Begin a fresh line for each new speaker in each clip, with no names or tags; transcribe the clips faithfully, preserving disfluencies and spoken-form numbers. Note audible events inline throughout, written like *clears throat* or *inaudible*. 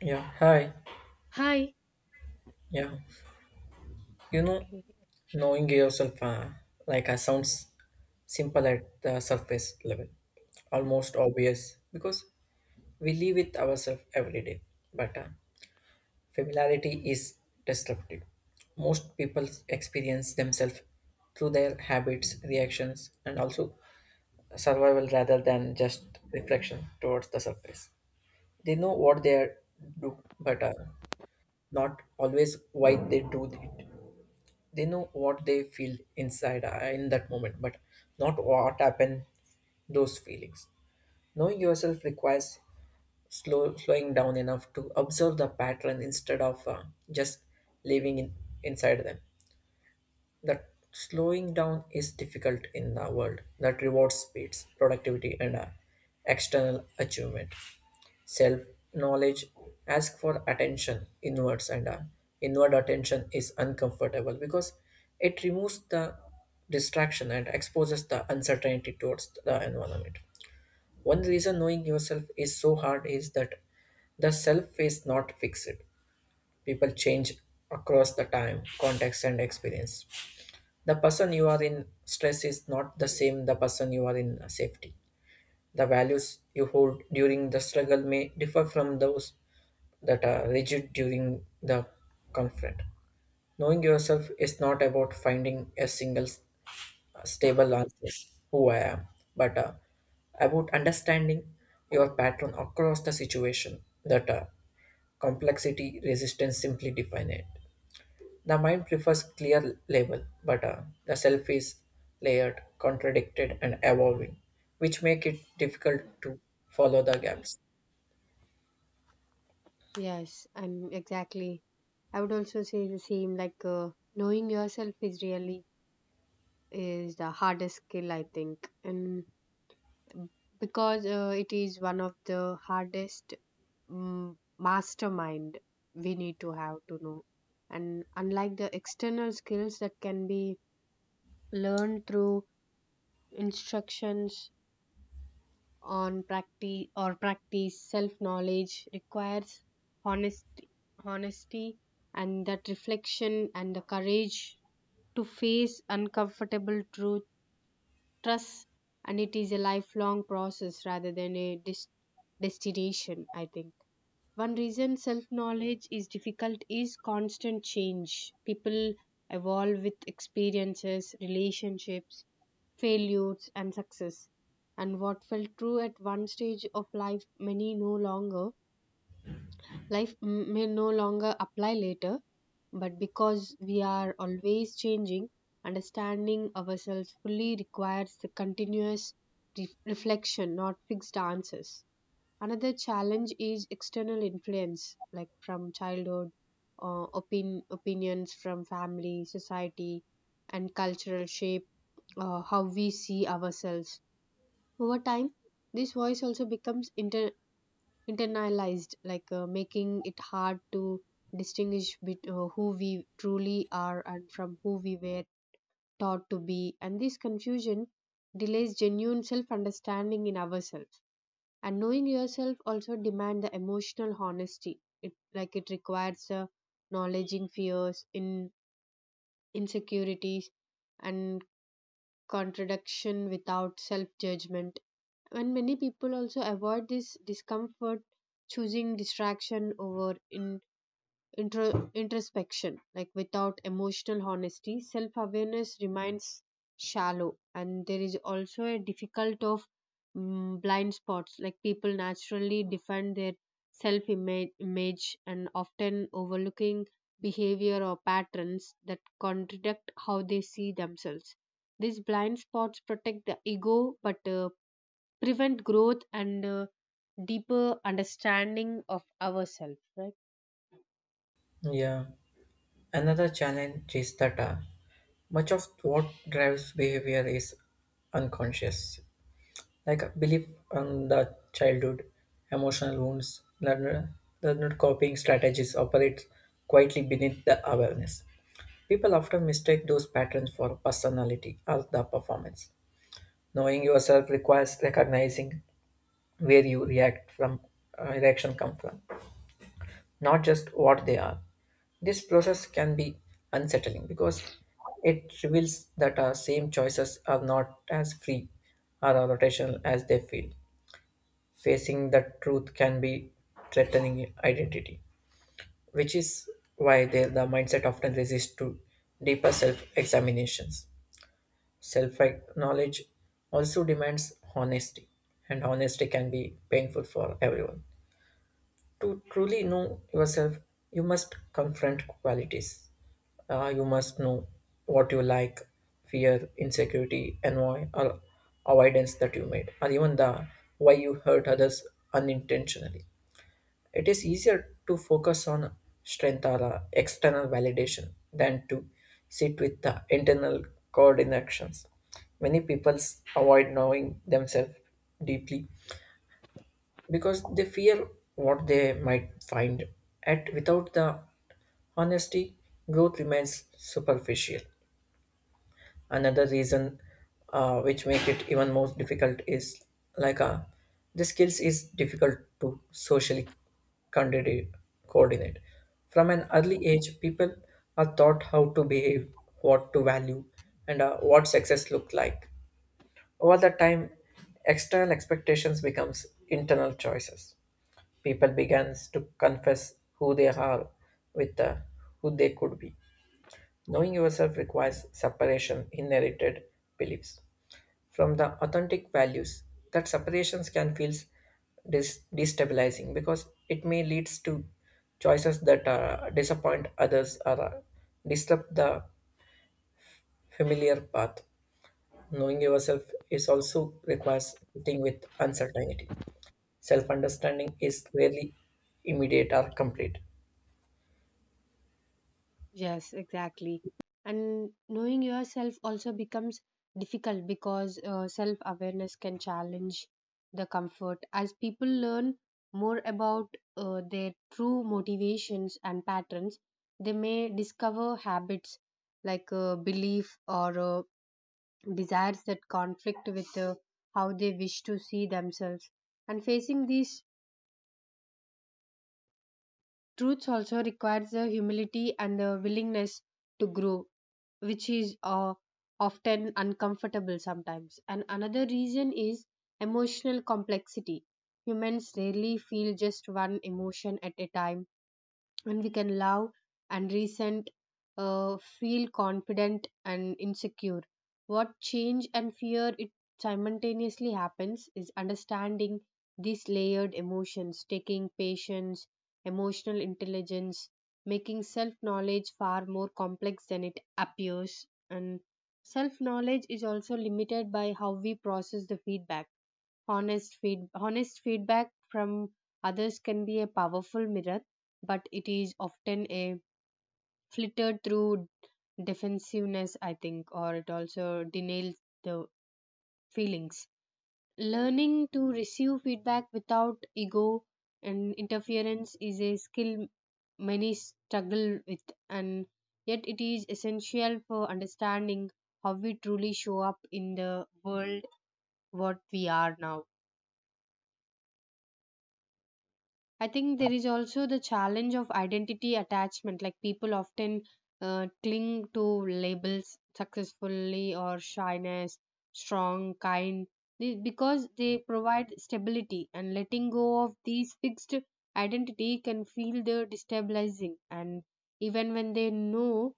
Yeah, hi.
Hi.
Yeah, you know,
Okay.
Knowing yourself, uh, like, uh, sounds simple at the surface level, almost obvious because we live with ourselves every day. But uh, Familiarity is disruptive. Most people experience themselves through their habits, reactions, and also survival rather than just reflection towards the surface. They know what they are do, but uh, not always why they do it. They know what they feel inside uh, in that moment, but not what happened those feelings. Knowing yourself requires slow slowing down enough to observe the pattern instead of uh, just living in, inside them. That slowing down is difficult in the world that rewards speeds productivity and uh, external achievement. Self knowledge ask for attention inwards, and uh, inward attention is uncomfortable because it removes the distraction and exposes the uncertainty towards the environment. One reason knowing yourself is so hard is that the self is not fixed. People change across the time context and experience. The person you are in stress is not the same the person you are in safety. The values you hold during the struggle may differ from those that are rigid during the conflict. Knowing yourself is not about finding a single s- stable answer, who I am, but uh, about understanding your pattern across the situation that uh, complexity resistance simply define it. The mind prefers clear label, but uh, the self is layered, contradicted, and evolving, which make it difficult to follow the gaps.
Yes, I'm exactly. I would also say the same. Like uh, knowing yourself is really is the hardest skill I think, and because uh, it is one of the hardest um, mastermind we need to have to know. And unlike the external skills that can be learned through instructions on practice or practice self knowledge requires honesty honesty and that reflection and the courage to face uncomfortable truth trust, and it is a lifelong process rather than a dis- destination I think. One reason self knowledge is difficult is constant change. People evolve with experiences, relationships, failures, and success. And what felt true at one stage of life, many no longer, life m- may no longer apply later. But because we are always changing, understanding ourselves fully requires the continuous re- reflection, not fixed answers. Another challenge is external influence, like from childhood, uh, opin- opinions from family, society, and cultural shape uh, how we see ourselves. Over time, this voice also becomes inter- internalized, like uh, making it hard to distinguish bet- uh, who we truly are and from who we were taught to be. And this confusion delays genuine self understanding in ourselves, and knowing yourself also demand the emotional honesty. It like it requires uh, acknowledging fears in insecurities and contradiction without self judgment. And many people also avoid this discomfort, choosing distraction over in intro, introspection. Like without emotional honesty, self awareness remains shallow, and there is also a difficult of mm, blind spots. Like people naturally defend their self image and often overlooking behavior or patterns that contradict how they see themselves. These blind spots protect the ego but uh, prevent growth and uh, deeper understanding of ourselves, right?
Yeah. Another challenge is that uh, much of what drives behavior is unconscious, like a belief on the childhood, emotional wounds, learned, learned copying strategies operate quietly beneath the awareness. People often mistake those patterns for personality or the performance. Knowing yourself requires recognizing where you react from uh, reaction come from, not just what they are. This process can be unsettling because it reveals that our same choices are not as free or are rotational as they feel. Facing the truth can be threatening identity, which is why they, the mindset often resists to deeper self-examinations. Self knowledge also demands honesty, and honesty can be painful for everyone. To truly know yourself, you must confront qualities. Uh, you must know what you like, fear, insecurity, annoy, or avoidance that you made, or even the why you hurt others unintentionally. It is easier to focus on strength or uh, external validation than to sit with the internal coordinations. Many people avoid knowing themselves deeply because they fear what they might find. At without the honesty, growth remains superficial. Another reason uh, which make it even more difficult is like uh, the skills is difficult to socially condi- coordinate. From an early age people are taught how to behave, what to value, and uh, what success look like. Over the time external expectations becomes internal choices. People begins to confess who they are with uh, who they could be. Knowing yourself requires separation inherited beliefs from the authentic values. That separations can feel dis- destabilizing because it may leads to choices that uh, disappoint others or uh, disrupt the familiar path. Knowing yourself is also requires sitting with uncertainty. Self-understanding is rarely immediate or complete.
Yes, exactly. And knowing yourself also becomes difficult because uh, self awareness can challenge the comfort. As people learn more about uh, their true motivations and patterns, they may discover habits like uh, belief or uh, desires that conflict with uh, how they wish to see themselves. And facing these truth also requires the humility and the willingness to grow, which is uh, often uncomfortable sometimes. And another reason is emotional complexity. Humans rarely feel just one emotion at a time, and we can love and resent, uh, feel confident and insecure. What change and fear it simultaneously happens is understanding these layered emotions, taking patience, emotional intelligence, making self knowledge far more complex than it appears. And self knowledge is also limited by how we process the feedback. Honest feed honest feedback from others can be a powerful mirror, but it is often a flittered through defensiveness, I think, or it also denies the feelings. Learning to receive feedback without ego and interference is a skill many struggle with, and yet it is essential for understanding how we truly show up in the world, what we are now. I think there is also the challenge of identity attachment. Like people often uh, cling to labels successfully or shyness, strong, kind, they- because they provide stability. And letting go of these fixed identity can feel the destabilizing. And even when they know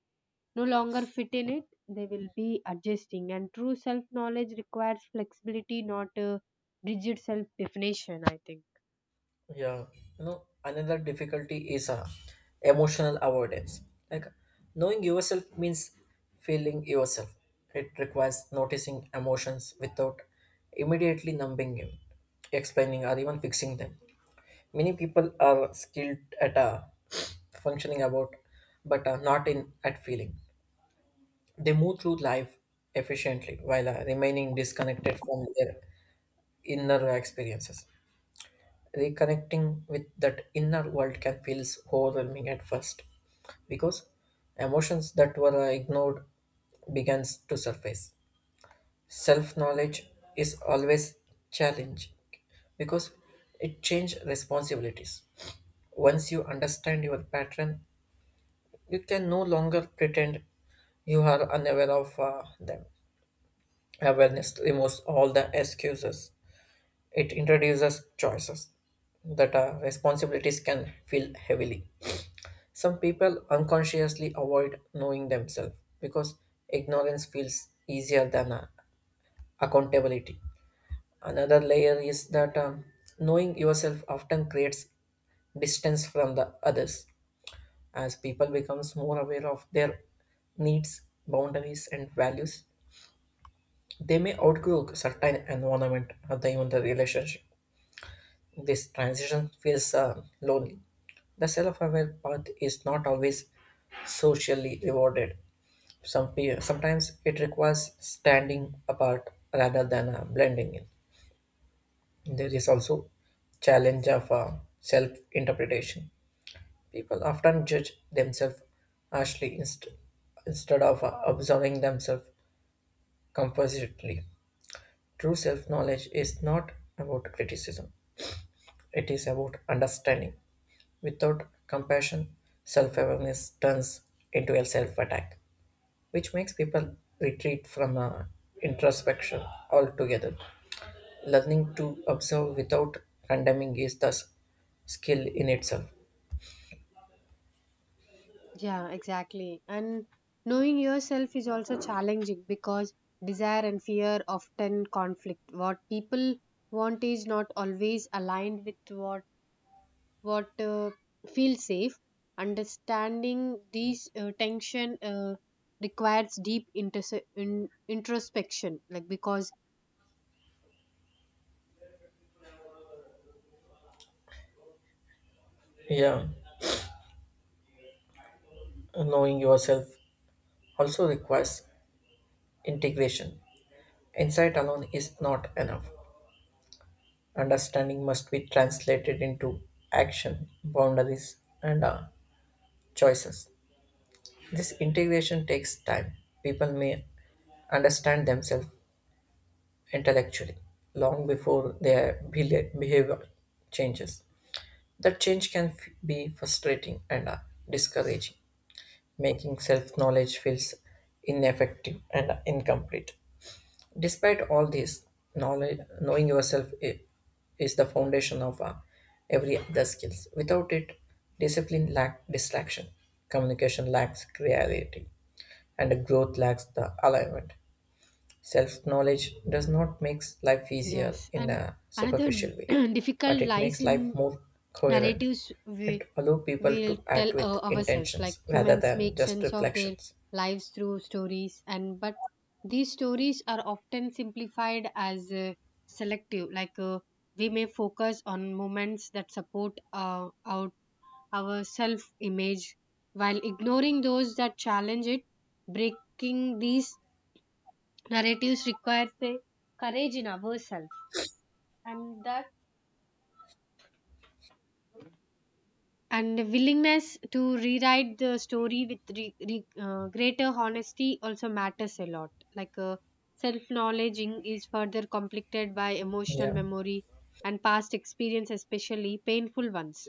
no longer fit in it, they will be adjusting. And true self knowledge requires flexibility, not a rigid self definition, I think.
Yeah, you know, another difficulty is uh, emotional avoidance. Like knowing yourself means feeling yourself. It requires noticing emotions without immediately numbing them, explaining or even fixing them. Many people are skilled at uh, functioning about, but uh, not in at feeling. They move through life efficiently while uh, remaining disconnected from their inner experiences. Reconnecting with that inner world can feel so overwhelming at first because emotions that were uh, ignored begins to surface. Self-knowledge is always challenging because it changes responsibilities. Once you understand your pattern, you can no longer pretend you are unaware of uh, them. Awareness removes all the excuses. It introduces choices that uh, responsibilities can feel heavily. Some people unconsciously avoid knowing themselves because ignorance feels easier than uh, accountability. Another layer is that um, knowing yourself often creates distance from the others as people becomes more aware of their needs, boundaries and values. They may outgrow certain environment or the, even the relationship. This transition feels uh, lonely. The self-aware path is not always socially rewarded. Some pe- sometimes it requires standing apart rather than uh, blending in. There is also challenge of uh, self-interpretation. People often judge themselves harshly inst- instead of uh, observing themselves compositely. True self-knowledge is not about criticism; it is about understanding. Without compassion, self awareness turns into a self attack, which makes people retreat from uh, introspection altogether. Learning to observe without condemning is thus skill in itself.
Yeah, exactly. And knowing yourself is also challenging because desire and fear often conflict. What people want is not always aligned with what what uh, feels safe. Understanding these uh, tension uh, requires deep interse- in, introspection. Like because,
Yeah, knowing yourself also requires integration. Insight alone is not enough. Understanding must be translated into action, boundaries, and uh, choices. This integration takes time. People may understand themselves intellectually long before their beha- behavior changes. That change can f- be frustrating and uh, discouraging, making self knowledge feels ineffective and incomplete. Despite all this, knowledge, knowing yourself i- is the foundation of uh, every other skills. Without it, discipline lacks distraction, communication lacks clarity, and growth lacks the alignment. Self-knowledge does not make life easier
yes,
in
and
a
another
superficial
*clears throat*
way, but
difficult
it
lies
makes life
in
more coherent.
narratives
It allows people
we'll
to
tell
act
uh,
with
ourselves. Like
intentions rather
humans
than
make
just
sense of their
reflections.
lives through stories, and but these stories are often simplified as uh, selective. Like uh, we may focus on moments that support uh, our our self image while ignoring those that challenge it. Breaking these narratives requires a courage in ourselves, and that and willingness to rewrite the story with re- re- uh, greater honesty also matters a lot. Like uh, self knowledge is further completed by emotional
Yeah,
memory and past experience, especially painful ones,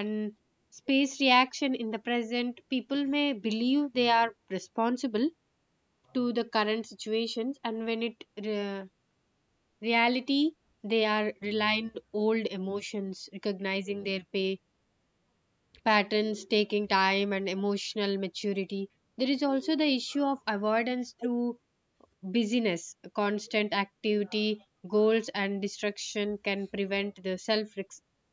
and space reaction in the present. People may believe they are responsible to the current situations, and when it re- reality, they are reliant old emotions. Recognizing their pay patterns taking time and emotional maturity. There is also the issue of avoidance through busyness, constant activity, goals, and distraction can prevent the self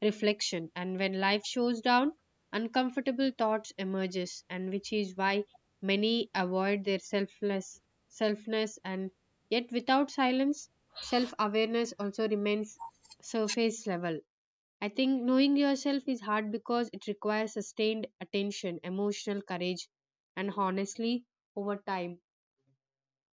reflection. And when life shows down, uncomfortable thoughts emerges, and which is why many avoid their selfless selfness. And yet, without silence, self awareness also remains surface level. I think knowing yourself is hard because it requires sustained attention, emotional courage, and honestly over time.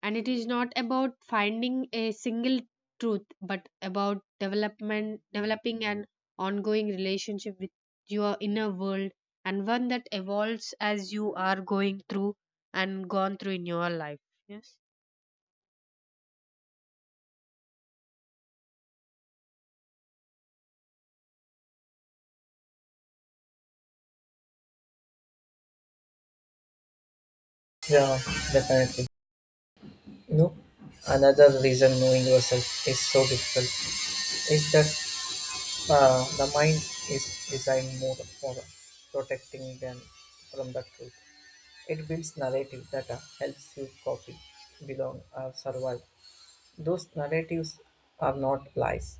And it is not about finding a single truth, but about development, developing an ongoing relationship with your inner world, and one that evolves as you are going through and gone through in your life. Yes.
yeah, definitely. Nope. Another reason knowing yourself is so difficult is that uh, the mind is designed more for protecting than from the truth. It builds narrative that uh, helps you copy, belong, or survive. Those narratives are not lies,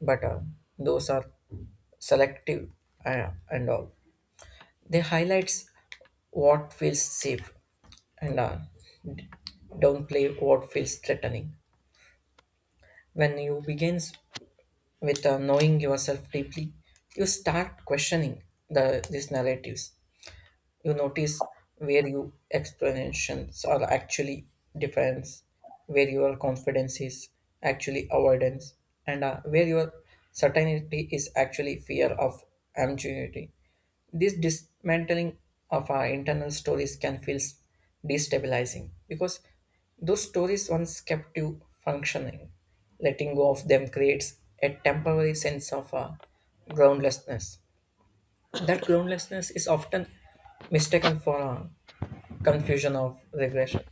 but uh, those are selective uh, and all. They highlights what feels safe and uh, downplay what feels threatening. When you begins with uh, knowing yourself deeply, you start questioning the these narratives. You notice where your explanations are actually defense, where your confidence is actually avoidance, and uh, where your certainty is actually fear of ambiguity. This dismantling of our internal stories can feel destabilizing because those stories once kept you functioning. Letting go of them creates a temporary sense of uh, groundlessness. That groundlessness is often mistaken for a confusion of regression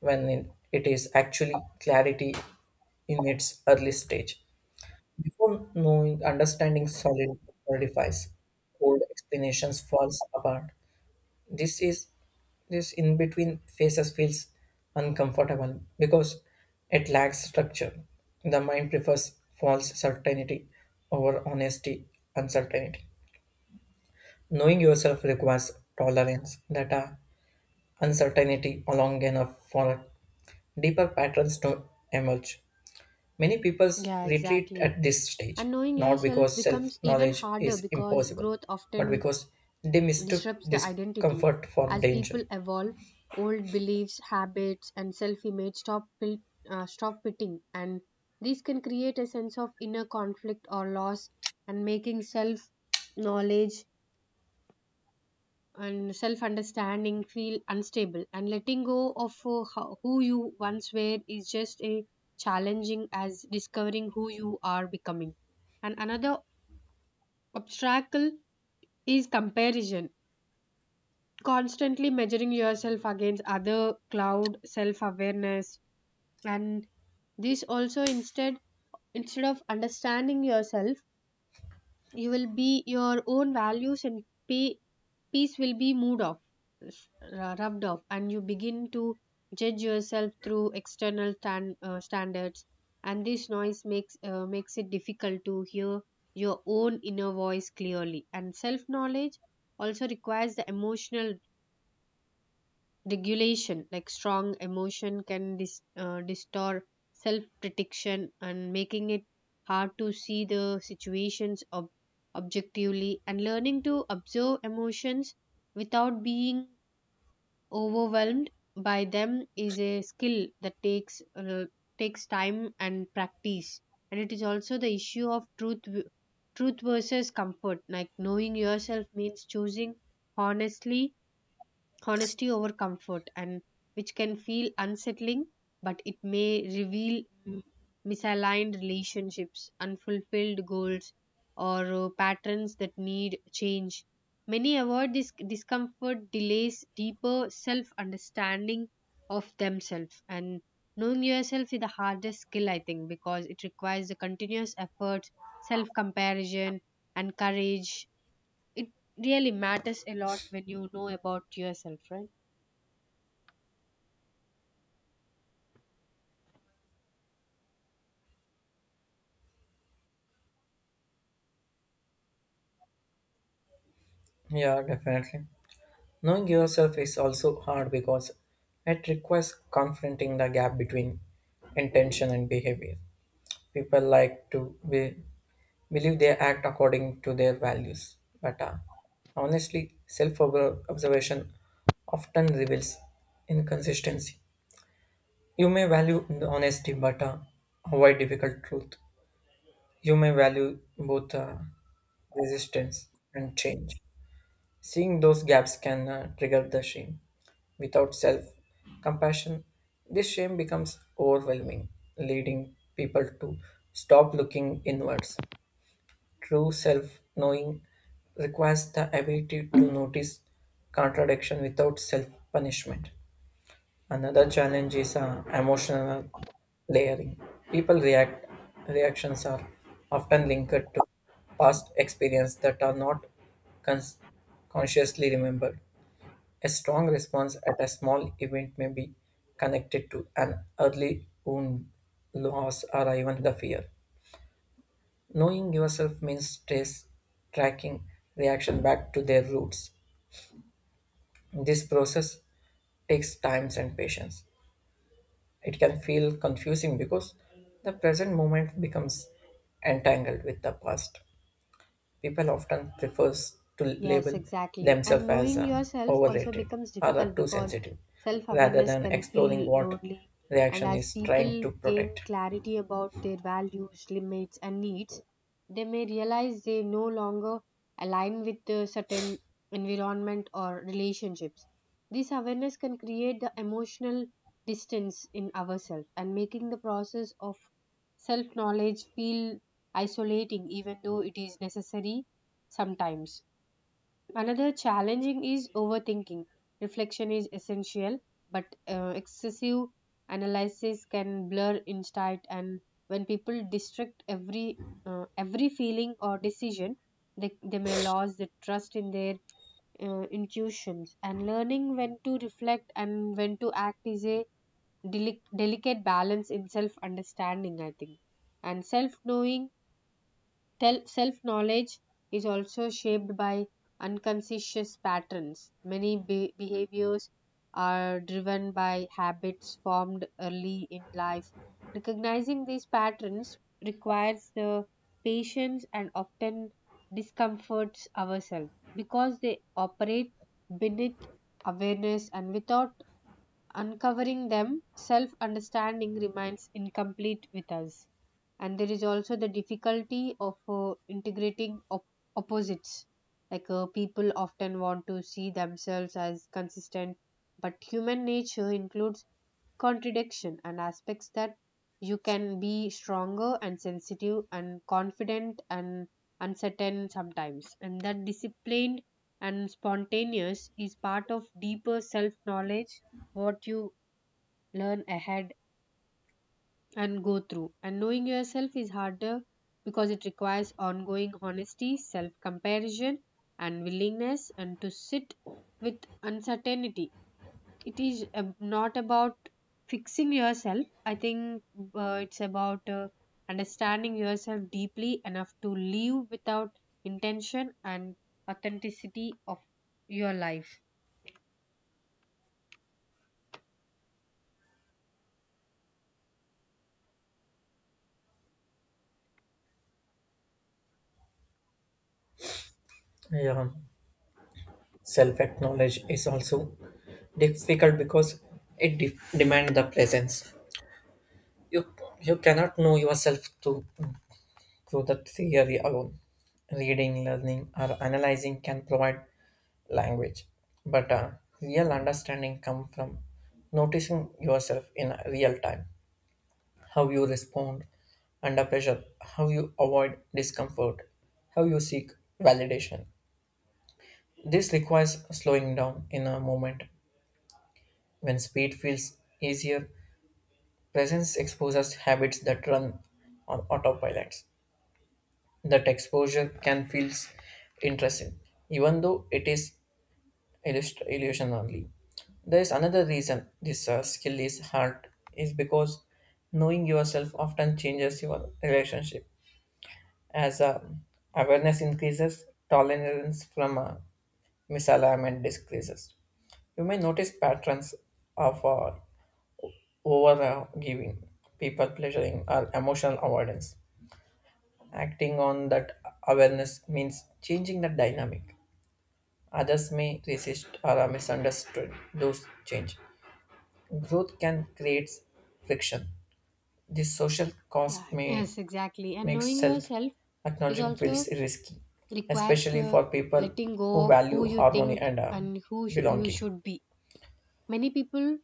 when it it is actually clarity in its early stage. Before knowing, understanding solid solidifies, old explanations falls apart. This is this in between phases feels uncomfortable because it lacks structure. The mind prefers false certainty over honesty, uncertainty. Knowing yourself requires tolerance that a uncertainty long enough for deeper patterns to emerge. Many people
Yeah,
retreat
exactly.
at this
And
stage,
knowing
not
yourself
because self
becomes even
knowledge
harder
is
because
impossible,
growth
but
often
because they mistook
disrupts the identity.
discomfort for
As
danger.
people evolve, old beliefs, habits, and self image stop, fil- uh, stop fitting, and these can create a sense of inner conflict or loss, and making self knowledge and self understanding feel unstable. And letting go of uh, ho- who you once were is just as challenging as discovering who you are becoming. And another obstacle is comparison, constantly measuring yourself against other cloud self awareness. And this also instead instead of understanding yourself, you will be your own values and pe- peace will be moved off, s- rubbed off, and you begin to judge yourself through external tan- uh, standards. And this noise makes uh, makes it difficult to hear your own inner voice clearly. And self knowledge also requires the emotional regulation. Like strong emotion can dis- uh, distort self protection and making it hard to see the situations ob- objectively. And learning to observe emotions without being overwhelmed by them is a skill that takes uh, takes time and practice. And it is also the issue of truth v- truth versus comfort. Like knowing yourself means choosing honestly honesty over comfort, and which can feel unsettling, but it may reveal mm, misaligned relationships, unfulfilled goals, or uh, patterns that need change. Many avoid this discomfort delays deeper self understanding of themselves. And knowing yourself is the hardest skill, I think, because it requires the continuous effort, self comparison, and courage. It really matters a lot when you know about yourself, right?
Yeah, definitely. Knowing yourself is also hard because it requires confronting the gap between intention and behavior. People like to be, believe they act according to their values. But uh, Honestly, self observation often reveals inconsistency. You may value the honesty, but uh, avoid difficult truth. You may value both uh, resistance and change. Seeing those gaps can uh, trigger the shame. Without self compassion, this shame becomes overwhelming, leading people to stop looking inwards. True self knowing requires the ability to notice contradiction without self punishment. Another challenge is uh, emotional layering. People react reactions are often linked to past experience that are not cons- consciously remembered. A strong response at a small event may be connected to an early wound, loss, or even the fear. Knowing yourself means trace, tracking reaction back to their roots. This process takes time and patience. It can feel confusing because the present moment becomes entangled with the past. People often prefer to
Yes,
label
exactly.
themselves
And
as
knowing
uh,
yourself also
overrated
becomes
or uh,
difficult
too
because
sensitive
self
rather
awareness
than
can
exploring
feel
what
lonely. And
reaction
as
is trying
people
to
gain
protect.
clarity about their values, limits, and needs, they may realize they no longer align with a certain environment or relationships. This awareness can create the emotional distance in ourselves, and making the process of self knowledge feel isolating, even though it is necessary sometimes. Another challenging is overthinking. Reflection is essential, but uh, excessive analysis can blur insight. And when people distract every uh, every feeling or decision, they, they may lose the trust in their uh, intuitions. And learning when to reflect and when to act is a delic- delicate balance in self understanding, I think. And self knowing self knowledge is also shaped by unconscious patterns. Many be- behaviors are driven by habits formed early in life. Recognizing these patterns requires the patience and often discomforts ourselves because they operate beneath awareness, and without uncovering them, self understanding remains incomplete with us. And there is also the difficulty of uh, integrating op- opposites. Like uh, people often want to see themselves as consistent, but human nature includes contradiction and aspects that you can be stronger and sensitive and confident and uncertain sometimes, and that disciplined and spontaneous is part of deeper self knowledge, what you learn ahead and go through. And knowing yourself is harder because it requires ongoing honesty, self comparison, and willingness and to sit with uncertainty. It is ab- not about fixing yourself, I think. Uh, it's about uh, understanding yourself deeply enough to live without intention and authenticity of your life.
Yeah. Self-knowledge is also difficult because it de- demands the presence. You you cannot know yourself to through the theory alone. Reading, learning, or analyzing can provide language, but uh, real understanding comes from noticing yourself in real time. How you respond under pressure, how you avoid discomfort, how you seek validation. This requires slowing down in a moment. When speed feels easier, presence exposes habits that run on autopilots. That exposure can feel interesting, even though it is illust- illusion only. There is another reason this uh, skill is hard is because knowing yourself often changes your relationship. As uh, awareness increases, tolerance from uh, misalignment decreases. You may notice patterns of uh, over uh, giving people pleasuring or emotional avoidance. Acting on that awareness means changing the dynamic. Others may resist or are misunderstood those change. Growth can create friction. The social
Yeah.
cost may
Yes, exactly. And
make
knowing
self
yourself is
acknowledging feels
also
risky,
requires
especially
the
for people
letting
who
go of who
value
you
harmony
think
and uh,
and who sh- you
belonging.
should be. Many people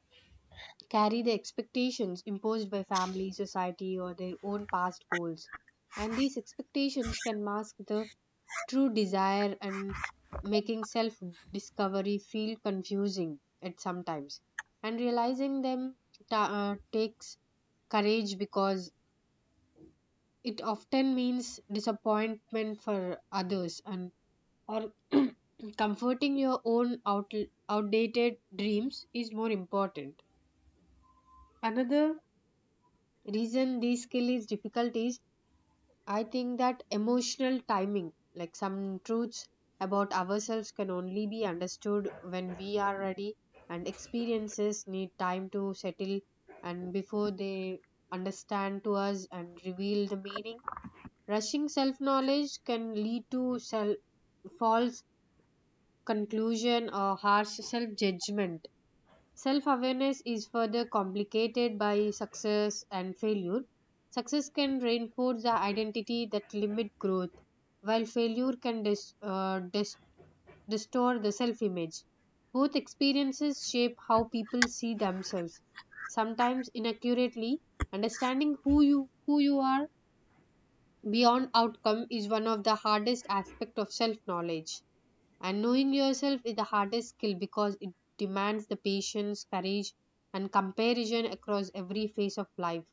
carry the expectations imposed by family, society, or their own past goals, and these expectations can mask the true desire and making self discovery feel confusing at sometimes. And realizing them ta- uh, takes courage because it often means disappointment for others, and or *clears throat* comforting your own out, outdated dreams is more important. Another reason this skill is difficult is, I think, that emotional timing, like some truths about ourselves, can only be understood when we are ready, and experiences need time to settle and before they understand to us and reveal the meaning. Rushing self knowledge can lead to self false conclusion or harsh self judgment. Self awareness is further complicated by success and failure. Success can reinforce the identity that limit growth, while failure can dis- uh, dis- distort the self image. Both experiences shape how people see themselves, sometimes inaccurately. Understanding who you who you are beyond outcome is one of the hardest aspects of self knowledge. And knowing yourself is the hardest skill because it demands the patience, courage, and comparison across every phase of life.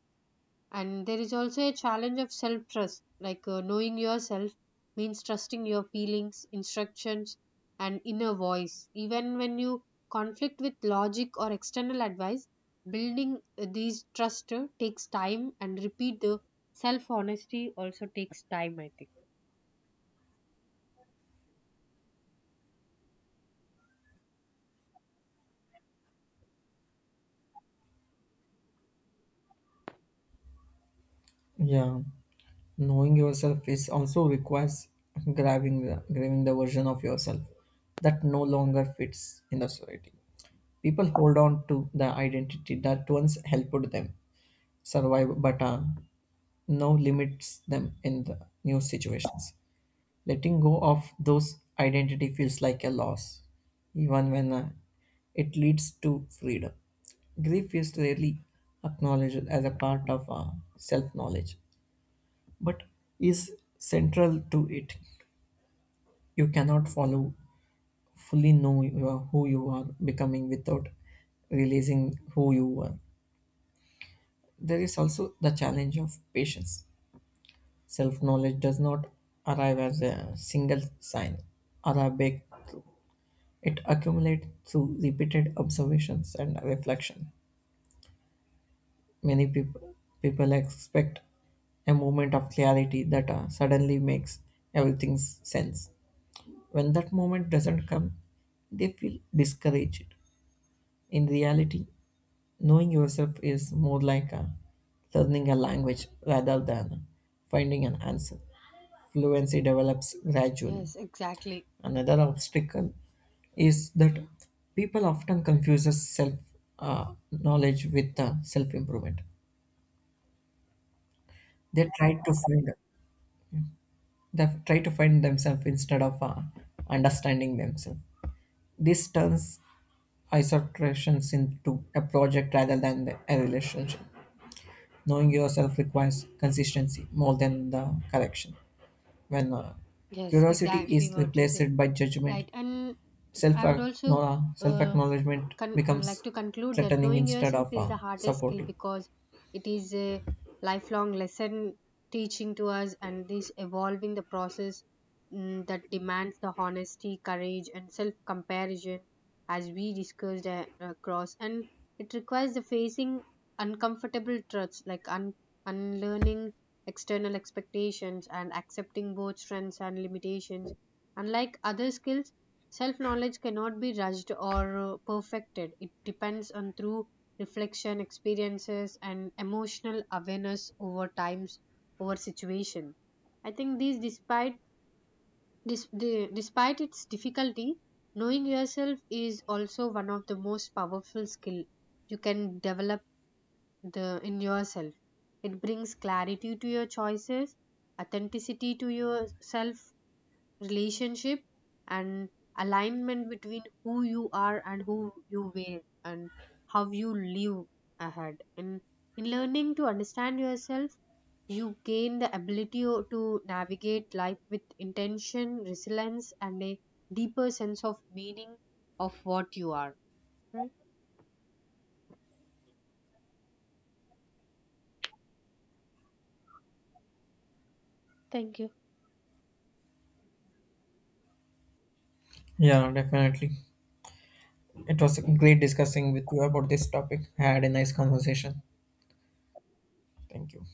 And there is also a challenge of self trust. Like uh, knowing yourself means trusting your feelings, instructions, and inner voice. Even when you conflict with logic or external advice, building uh, these trust uh, takes time, and repeat the self honesty also takes time, I think.
Yeah, knowing yourself is also requires grabbing the grabbing the version of yourself that no longer fits in the society. People hold on to the identity that once helped them survive, but uh, now limits them in the new situations. Letting go of those identity feels like a loss, even when uh, it leads to freedom. Grief is rarely acknowledged as a part of uh, self knowledge but is central to it. You cannot follow fully know you are- who you are becoming without realizing who you were. There is also the challenge of patience. Self knowledge does not arrive as a single sign or a breakthrough. It accumulates through repeated observations and reflection. Many people people expect a moment of clarity that uh, suddenly makes everything sense. When that moment doesn't come, they feel discouraged. In reality, knowing yourself is more like a learning a language rather than finding an answer. Fluency develops gradually.
Yes, exactly.
Another obstacle is that people often confuses self uh, knowledge with uh, self improvement. They try to find they try to find themselves instead of uh, understanding themselves. This turns iterations into a project rather than a relationship. Knowing yourself requires consistency more than the correction. When uh,
Yes,
curiosity
exactly
is
what you say.
replaced by judgment,
Right, and
self
I would also
self
uh,
acknowledgement
con- like
becomes
to conclude that
threatening
knowing
instead
yourself
of
is
uh,
the hardest skill
supportive.
because it is a lifelong lesson teaching to us, and this evolving the process mm, that demands the honesty, courage, and self comparison, as we discussed uh, across. And it requires the facing uncomfortable truths, like un- unlearning external expectations and accepting both strengths and limitations. Unlike other skills, self knowledge cannot be rushed or uh, perfected. It depends on through reflection, experiences, and emotional awareness over times, over situation. I think these, despite dis, the, despite its difficulty, knowing yourself is also one of the most powerful skill you can develop the in yourself. It brings clarity to your choices, authenticity to yourself, relationship, and alignment between who you are and who you were and how you live ahead. And in learning to understand yourself, you gain the ability o- to navigate life with intention, resilience, and a deeper sense of meaning of what you are, right? Thank you.
Yeah, definitely. It was great discussing with you about this topic. I had a nice conversation. Thank you.